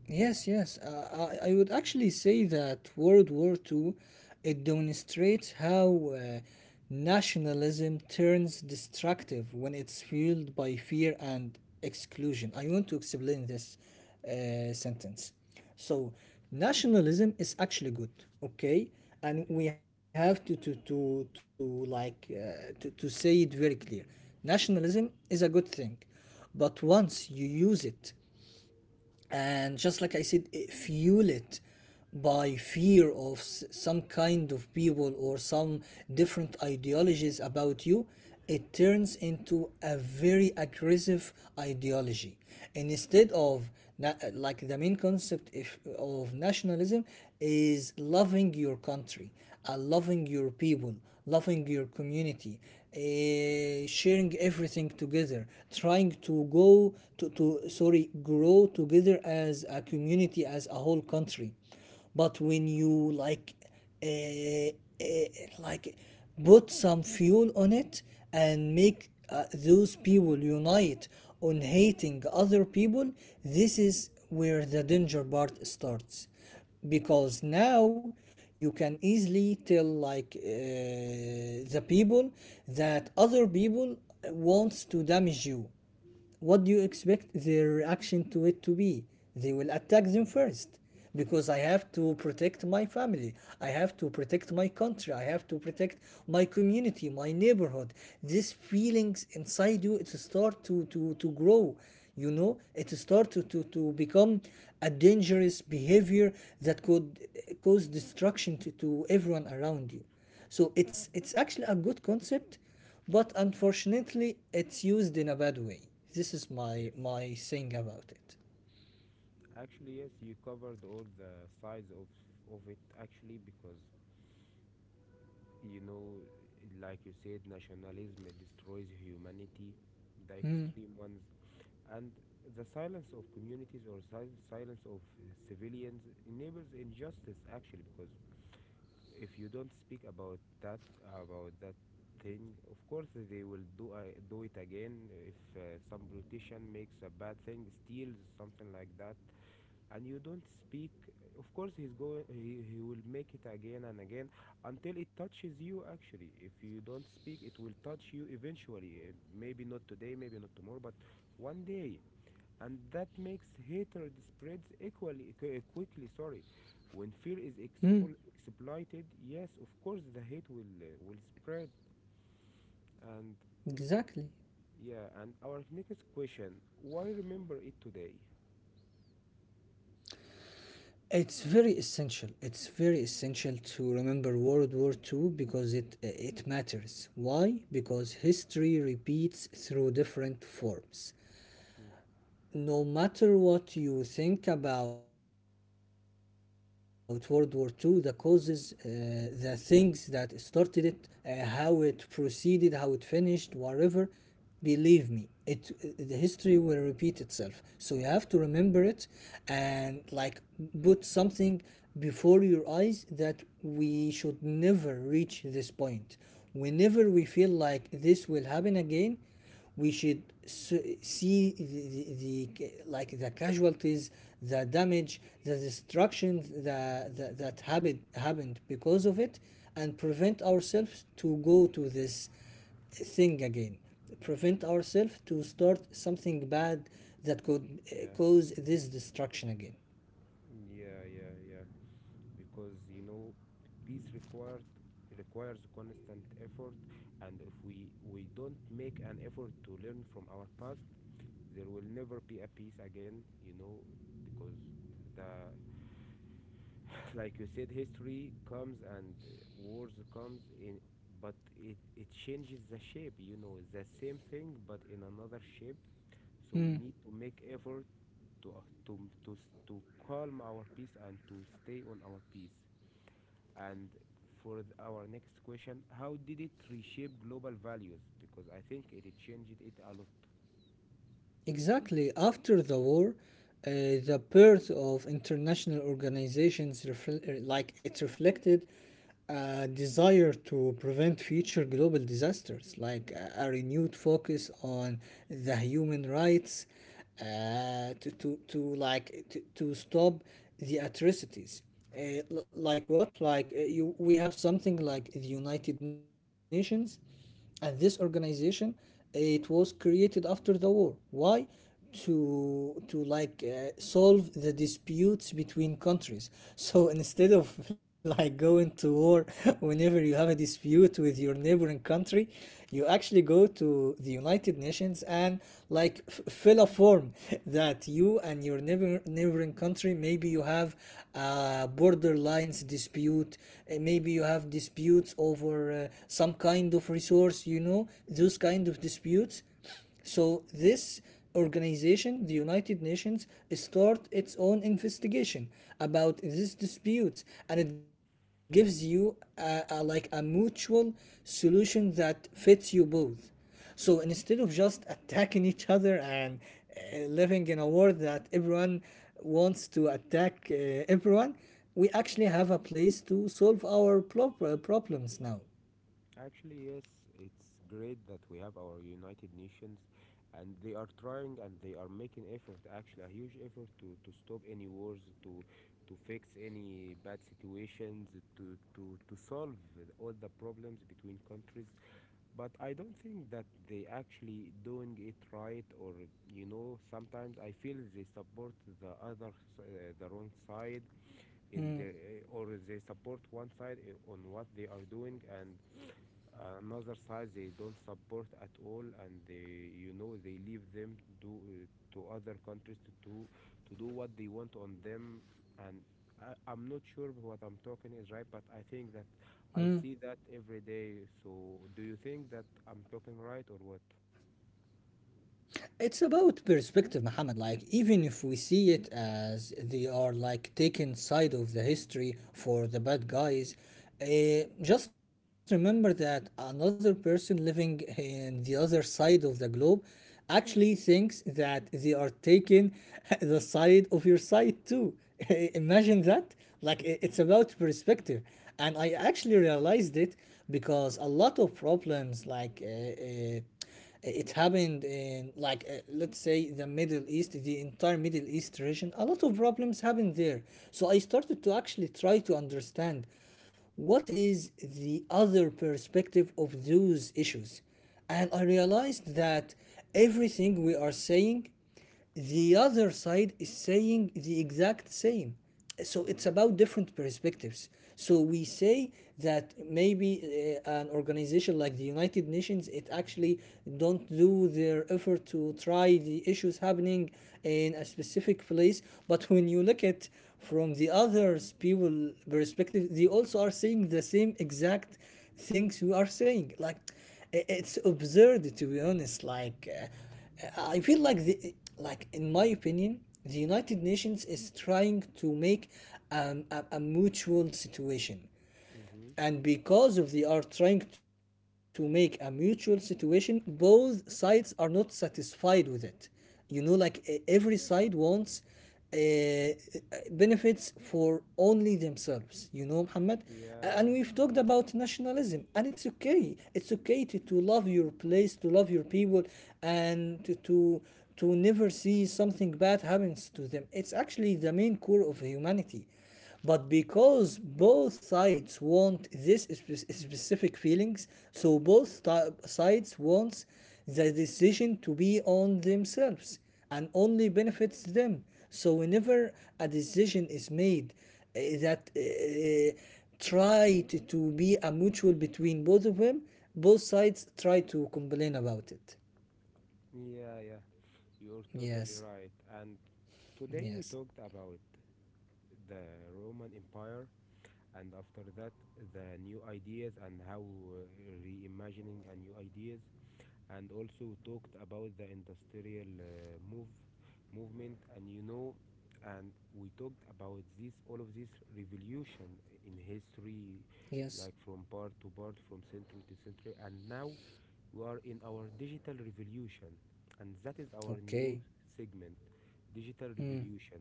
[SPEAKER 2] Yes, yes. I would actually say that World War Two, it demonstrates how nationalism turns destructive when it's fueled by fear and exclusion. I want to explain this sentence. So, nationalism is actually good, okay? And
[SPEAKER 1] Yes.
[SPEAKER 2] we have to like to say it very clear. Nationalism is a good thing, but once you use it, and just like I said, it fuel it by fear of some kind of people, or some different ideologies about you, it turns into a very aggressive ideology. And instead of like the main concept if, of nationalism is loving your country, and loving your people, loving your community, sharing everything together, trying to go to, sorry, grow together as a community, as a whole country. But when you like, eh, eh, like, put some fuel on it and make those people unite on hating other people, this is where the danger part starts, because now you can easily tell like the people that other people wants to damage you, what do you expect their reaction to it to be? They will attack them
[SPEAKER 1] Mm-hmm.
[SPEAKER 2] first
[SPEAKER 1] Yes.
[SPEAKER 2] because I have to protect my family. I have to protect my country. I have to protect my community, my neighborhood. These feelings inside you, it start to, to grow. You know, it start to, to become a dangerous behavior that could cause destruction to everyone around you. So it's actually a good concept, but unfortunately it's used in a bad way. This is my
[SPEAKER 1] Yes,
[SPEAKER 2] my thing about it.
[SPEAKER 1] actually, yes, you covered all the sides of it actually because you know, like you said, nationalism destroys humanity, the
[SPEAKER 2] Mm.
[SPEAKER 1] extreme ones, and the silence of communities or silence of civilians enables injustice actually. Because if you don't speak about that, about that thing, of course they will do do it again. If some politician makes a bad thing, steals something like that, and you don't speak, of course he will make it again and again until it touches you. Actually, if you don't speak, it will touch you eventually, maybe not today, maybe not tomorrow, but one day. And that makes hatred spreads equally quickly, sorry. When fear is
[SPEAKER 2] Mm.
[SPEAKER 1] exploited, yes of course the hate will spread. And
[SPEAKER 2] Exactly.
[SPEAKER 1] yeah, and our next question: why remember it today?
[SPEAKER 2] It's very essential, it's very essential to remember World War Two, because it matters why? Because history repeats through different forms.
[SPEAKER 1] Hmm.
[SPEAKER 2] No matter what you think about World War Two, the causes, the things that started it, how it proceeded, how it finished, whatever, believe me, it the history will repeat itself. So you have to remember it, and like put something before your eyes that we should never reach this point. Whenever we feel like this will happen again, we should see like the casualties, the damage, the destruction that, that happened, happened because of it, and prevent ourselves to go to this thing again, prevent ourselves to start something bad that could
[SPEAKER 1] Yeah,
[SPEAKER 2] cause this destruction again.
[SPEAKER 1] yeah, yeah, yeah, because you know peace required requires constant effort. And if we don't make an effort to learn from our past, there will never be a peace again, you know. Because the like you said, history comes and wars comes in, but it changes the shape. You know, the same thing but in another shape. So we
[SPEAKER 2] Mm.
[SPEAKER 1] need to make effort to to to, to calm our peace and to stay on our peace. And for our next question: how did it reshape global values? Because I think it, it changed it a lot.
[SPEAKER 2] Exactly. After the war, the birth of international organizations like it reflected a desire to prevent future global disasters, like
[SPEAKER 1] Hmm.
[SPEAKER 2] a renewed focus on the human rights, to like to stop the atrocities. Uh, like what? Like we have something like the United Nations, and this organization, it was created after the war. Why? To like solve the disputes between countries, so instead of like going to war whenever you have a dispute with your neighboring country, you actually go to the United Nations and like fill a form that you and your neighboring country, maybe you have a borderlines dispute, maybe you have disputes over some kind of resource, you know, those kind of disputes. So this organization, the United Nations, start its own investigation about these disputes, and it gives you like a mutual solution that fits you both. So instead of just attacking each other and living in a world that everyone wants to attack everyone, we actually have a place to solve our problems now.
[SPEAKER 1] Actually, yes, it's great that we have our United Nations, and they are trying and they are making effort, actually a huge effort, to stop any wars, to fix any bad situations, to solve all the problems between countries. But I don't think that they actually doing it right, or you know, sometimes I feel they support the other, the wrong side in their,
[SPEAKER 2] Mm.
[SPEAKER 1] or they support one side on what they are doing, and another side they don't support at all, and they you know they leave them to do to other countries to do what they want on them. And I'm not sure what I'm talking is right, but I think that I see that every day. So do you think that I'm talking right or what?
[SPEAKER 2] It's about perspective, Muhammad. Like, even if we see it as they are like taking side of the history for the bad guys, just remember that another person living in the other side of the globe actually thinks that they are taking the side of your side too. Imagine that. Like, it's about perspective. And I actually realized it because a lot of problems, like, it happened in like let's say the Middle East, the entire Middle East region, a lot of problems happened there. So I started to actually try to understand what is the other perspective of those issues, and I realized that everything we are saying, the other side is saying the exact same. So it's
[SPEAKER 1] Yes.
[SPEAKER 2] about different perspectives. So we say that maybe an organization like the United Nations, it actually don't do their effort to try the issues happening in a specific place, but when you look at from the others people perspective, they also are saying the same exact things we are saying. Like, it's absurd, to be honest, like I feel like the like, in my opinion, the United Nations is trying to make a mutual situation,
[SPEAKER 1] Mm-hmm.
[SPEAKER 2] and because of they are trying to make a mutual situation, both sides are not satisfied with it. You know, like every side wants uh, benefits for only themselves, you know, Muhammad.
[SPEAKER 1] Yeah,
[SPEAKER 2] And
[SPEAKER 1] yeah,
[SPEAKER 2] we've talked about nationalism, and it's okay, it's okay to love your place, to love your people, and to never see something bad happens to them, it's actually the main core of humanity. But because both sides want this specific feelings, so both sides wants the decision to be on themselves and only benefits them. So whenever a decision is made, that try to be a mutual between both of them, both sides try to complain about it.
[SPEAKER 1] yeah, yeah, you're totally
[SPEAKER 2] Yes,
[SPEAKER 1] right. And today we
[SPEAKER 2] yes,
[SPEAKER 1] talked about the Roman Empire, and after that the new ideas and how reimagining and new ideas, and also talked about the industrial movement, and you know, and we talked about this all of this revolution in
[SPEAKER 2] yes.
[SPEAKER 1] history, like from part to part, from century to century. And now we are in our digital revolution, and that is our
[SPEAKER 2] Okay.
[SPEAKER 1] new segment, digital
[SPEAKER 2] Hmm.
[SPEAKER 1] revolution.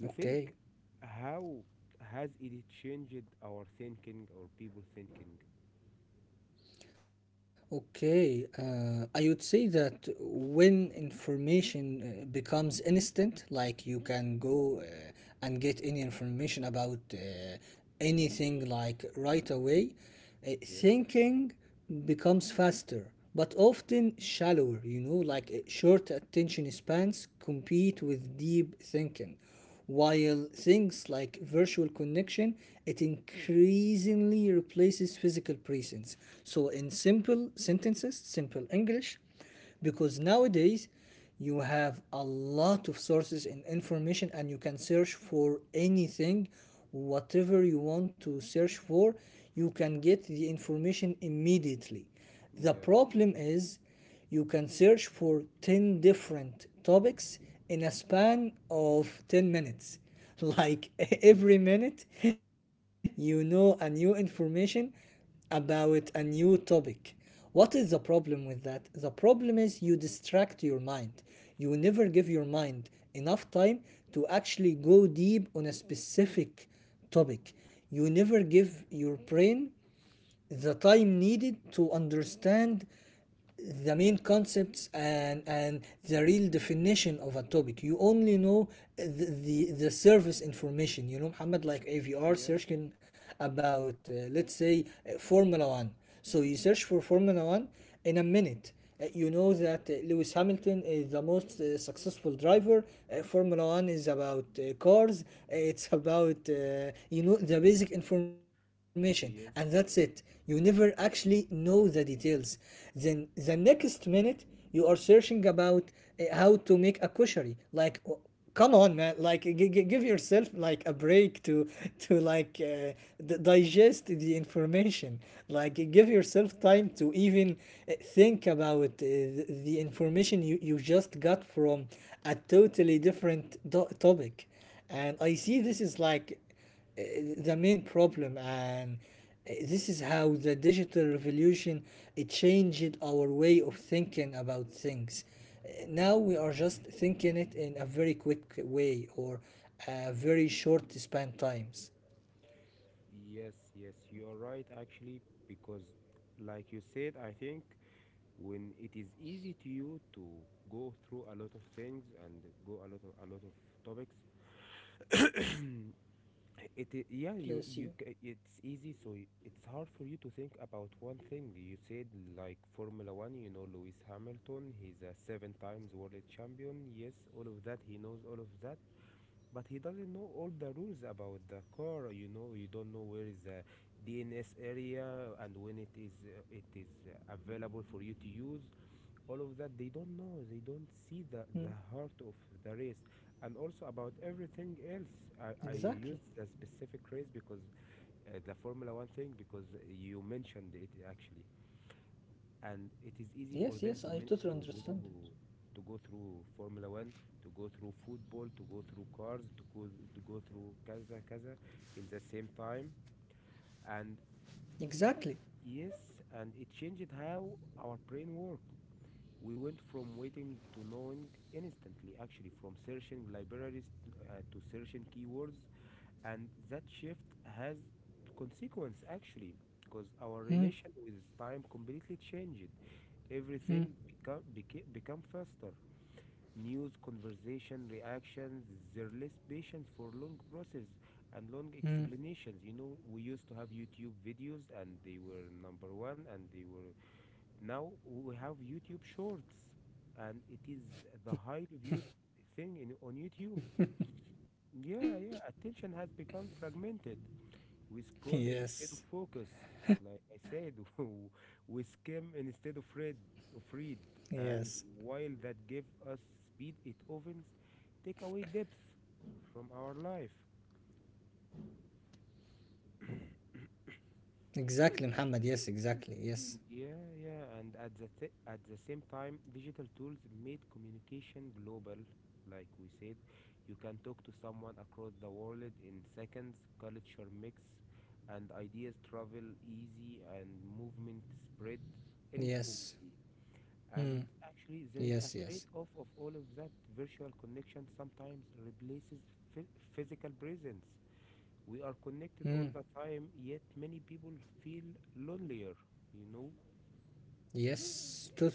[SPEAKER 1] You think how has it changed our thinking or people thinking?
[SPEAKER 2] Okay, I would say that when information becomes instant, like you can go and get any information about anything like right away,
[SPEAKER 1] Yes.
[SPEAKER 2] thinking becomes faster, but often shallower. You know, like short attention spans compete with deep thinking, while things like virtual connection, it increasingly replaces physical presence. So, in simple sentences, simple English, because nowadays you have a lot of sources and information, and you can search for anything, whatever you want to search for, you can get the information immediately. The
[SPEAKER 1] Yeah.
[SPEAKER 2] problem is you can search for 10 different topics in a span of 10 minutes. Like every minute, you know a new information about a new topic. What is the problem with that? The problem is you distract your mind. You never give your mind enough time to actually go deep on a specific topic. You never give your brain the time needed to understand the main concepts, and the real definition of a topic. You only know the the service information, you know, Muhammad. Like, if you are
[SPEAKER 1] Yes.
[SPEAKER 2] searching about let's say Formula One, so you search for Formula One, in a minute, you know that Lewis Hamilton is the most successful driver. Formula One is about cars. It's about you know, the basic information, and that's it.
[SPEAKER 1] Yes.
[SPEAKER 2] You never actually know the details. Then the next minute you are searching about how to make a koshery. Like, come on, man. Like, give yourself, like, a break to to like uh, digest the information. Like, give yourself time to even think about the information you just got from a totally different topic. And I see this is like, uh, the main problem. And this is how the digital revolution, it changed our way of thinking about things. Uh, Now we are just thinking it in a very quick way, or a very short span times.
[SPEAKER 1] Yes. Yes, you're right actually because like you said, I think when it is easy to you to go through a lot of things and go a lot of topics yeah,
[SPEAKER 2] Bless you.
[SPEAKER 1] it's easy, so it's hard for you to think about one thing. You said like Formula 1, you know Lewis Hamilton, he's a seven times world champion, yes, all of that. He knows all of that, but he doesn't know all the rules about the car. You know, you don't know where is the DNS area and when it is available for you to use. All of that they don't
[SPEAKER 2] Hmm.
[SPEAKER 1] know. They don't see the heart of the race, and also about
[SPEAKER 2] Exactly.
[SPEAKER 1] everything else. I use the specific race because the Formula one thing, because you mentioned it actually.
[SPEAKER 2] Yes, yes,
[SPEAKER 1] And
[SPEAKER 2] I
[SPEAKER 1] it is
[SPEAKER 2] totally
[SPEAKER 1] easy for
[SPEAKER 2] understand.
[SPEAKER 1] them to to go through Formula one to go through football, to go through cars, to go through kaza kaza in the same time. And
[SPEAKER 2] Exactly.
[SPEAKER 1] yes, and it changed how our brain work. We went from waiting to knowing instantly, actually, from searching libraries to searching keywords, and that shift has consequence actually, because our
[SPEAKER 2] Hmm,
[SPEAKER 1] relation with time completely changed.
[SPEAKER 2] hmm,
[SPEAKER 1] Everything become faster. News, conversation, reactions. There less patience for long process and long
[SPEAKER 2] hmm.
[SPEAKER 1] explanations. You know, we used to have YouTube videos, and they were number one, and they were, now we have YouTube Shorts, and it is the high viewed thing in, on YouTube. Yeah,
[SPEAKER 2] Yes,
[SPEAKER 1] yeah, attention has become fragmented. We scroll
[SPEAKER 2] yes.
[SPEAKER 1] instead of focus, like I said. We skim instead of read, of read, and while
[SPEAKER 2] Yes.
[SPEAKER 1] that gives us speed, it often take away depth from our life.
[SPEAKER 2] Exactly, Muhammad. Yes, exactly. Yes,
[SPEAKER 1] Yeah, yeah, and at at the same time, digital tools made communication global. Like we said, you can talk to someone across the world in seconds. Culture mix, and ideas travel easy, and movement spread
[SPEAKER 2] yes.
[SPEAKER 1] instantly.
[SPEAKER 2] Hmm.
[SPEAKER 1] And
[SPEAKER 2] Yes,
[SPEAKER 1] actually,
[SPEAKER 2] yes.
[SPEAKER 1] there is a trade-off of all of that. Virtual connection sometimes replaces physical presence. We are
[SPEAKER 2] Hmm.
[SPEAKER 1] connected all the time, yet many people feel lonelier. You know.
[SPEAKER 2] Yes, totally agree.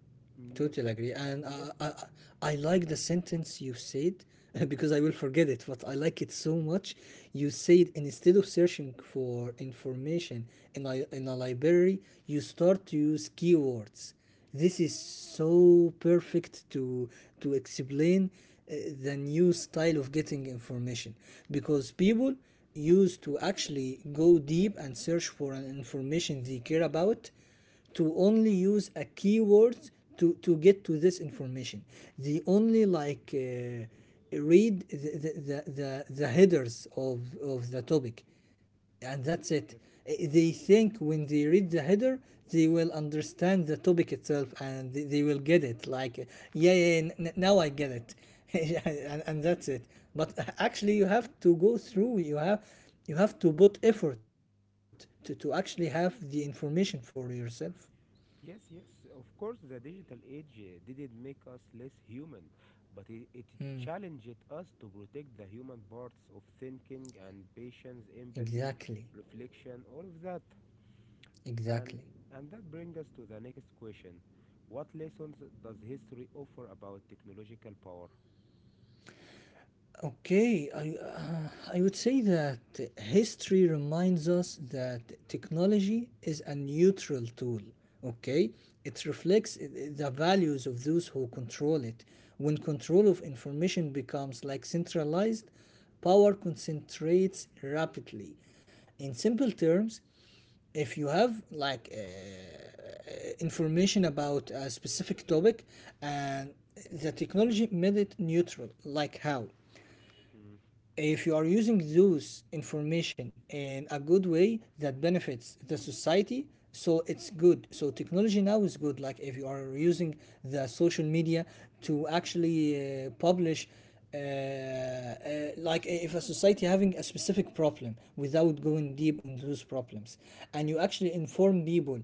[SPEAKER 2] Totally agree.
[SPEAKER 1] Yes, yes,
[SPEAKER 2] And I,
[SPEAKER 1] yes,
[SPEAKER 2] I like the sentence you said. Because I will forget it, but I like it so much. You said instead of searching for information in a library, you start to use keywords. This is so perfect to explain, the new style of getting information, because people used to actually go deep and search for an information they care about, to only use a keyword to get to this information. They only, like, read the headers of the topic, and that's it. They think when they read the header, they will understand the topic itself, and they will get it. Like, yeah, yeah, now I get it. And that's it. But actually, you have to go through, you have to put effort to actually have the information for yourself.
[SPEAKER 1] yes, yes. Of course, the digital age didn't make us less human, but it
[SPEAKER 2] Mm.
[SPEAKER 1] challenged us to protect the human parts of thinking and patience, empathy,
[SPEAKER 2] Exactly.
[SPEAKER 1] reflection, all of that. And
[SPEAKER 2] Exactly.
[SPEAKER 1] and that brings us to the next question: what lessons does history offer about technological power?
[SPEAKER 2] Okay. I would say that history reminds us that technology is a neutral tool, okay? It reflects the values of those who control it. When control of information becomes, like, centralized, power concentrates rapidly. In simple terms, if you have, like, information about a specific topic, and the technology made it neutral, like, how
[SPEAKER 1] Mm.
[SPEAKER 2] if you are using those information in a good way that benefits the society, so it's good. So technology now is good. Like, if you are using the social media to actually publish, like if a society having a specific problem without going deep on those problems, and you actually inform people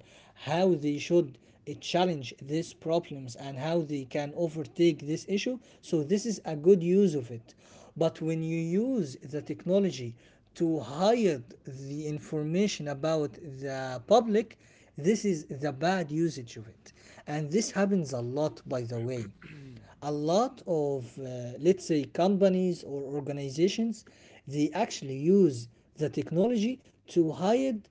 [SPEAKER 2] how they should challenge this problems and how they can overtake this issue. So this is a good use of it. But when you use the technology to hide the information about the public, this is the bad usage of it. And this
[SPEAKER 1] Yes,
[SPEAKER 2] happens a lot, by the way. A lot of let's say companies or organizations, they actually use the technology to hide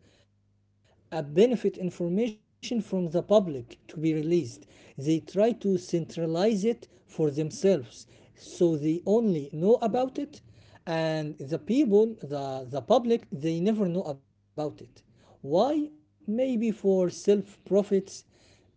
[SPEAKER 2] a benefit information from the public to be released. They try to centralize it for themselves, so they only know about it, and the people, the public, they never know about it. Why? Maybe for self profits,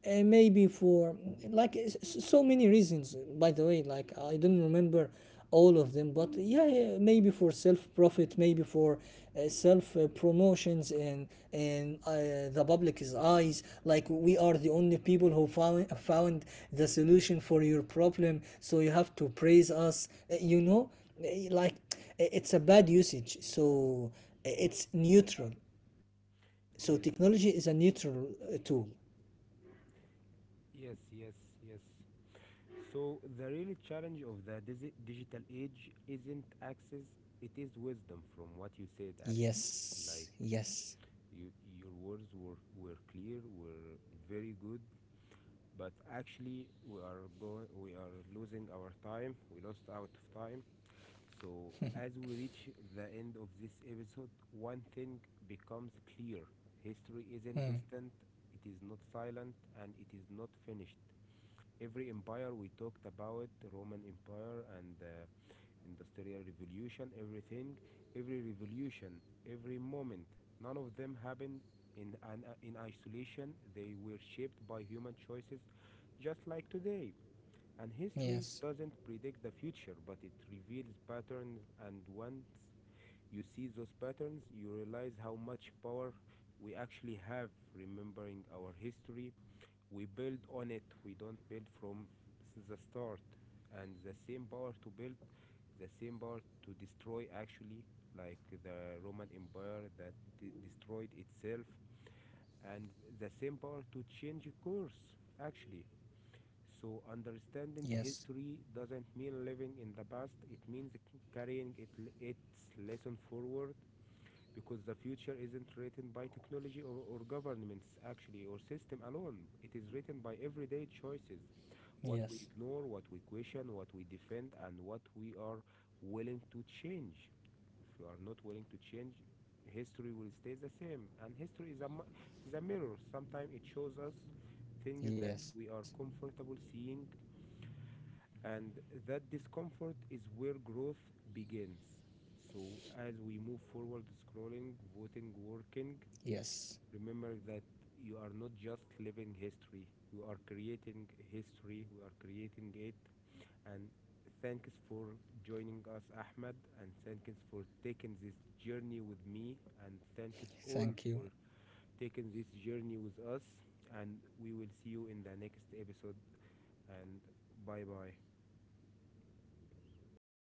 [SPEAKER 2] maybe for, like, so many reasons, by the way. Like, I don't remember all of them, but yeah, yeah, maybe for self profit, maybe for self promotions, and the public's eyes, like we are the only people who found the solution for your problem, so you have to praise us. Like, it's a bad usage. So it's neutral, so technology is a
[SPEAKER 1] yes,
[SPEAKER 2] neutral tool.
[SPEAKER 1] yes, yes, yes. So, the real challenge of the digital age isn't access, it is wisdom from what you said actually.
[SPEAKER 2] Yes.
[SPEAKER 1] Like,
[SPEAKER 2] Yes.
[SPEAKER 1] you, your words were clear, were very good, but actually, we are, going, we are losing our time, we lost out of time. So, as we reach the end of this episode, one thing becomes clear: history isn't
[SPEAKER 2] Hmm.
[SPEAKER 1] distant, it is not silent, and it is not finished. Every empire we talked about, Roman Empire and industrial revolution, everything, every revolution, every moment, none of them happened in an, in isolation. They were shaped by human choices, just like today. And history
[SPEAKER 2] Yes.
[SPEAKER 1] doesn't predict the future, but it reveals patterns. And ones you see those patterns, you realize how much power we actually have remembering our history. We build on it, we don't build from the start. And the same power to build, the same power to destroy, actually, like the Roman Empire that destroyed itself, and the same power to change course, actually. So,
[SPEAKER 2] Yes.
[SPEAKER 1] understanding history doesn't mean living in the past, it means carrying it, its lesson forward, because the future isn't written by technology or governments actually or system alone, it is written by everyday
[SPEAKER 2] Yes.
[SPEAKER 1] choices: what we ignore, what we question, what we defend, and what we are willing to change. If you are not willing to change, history will stay the same. And history is is a
[SPEAKER 2] Yes.
[SPEAKER 1] mirror. Sometimes it shows us things that we are comfortable seeing, and that discomfort is where growth begins. So, as we move
[SPEAKER 2] Yes.
[SPEAKER 1] forward, scrolling, voting, working, remember that you are not just living history, you are creating history, we are creating it. And thanks for joining us, Ahmed, and thanks for taking this
[SPEAKER 2] Thank you.
[SPEAKER 1] journey with me, and thanks all for taking this journey with us. And we will see you in the next episode. And bye bye.
[SPEAKER 2] Goodbye, everyone.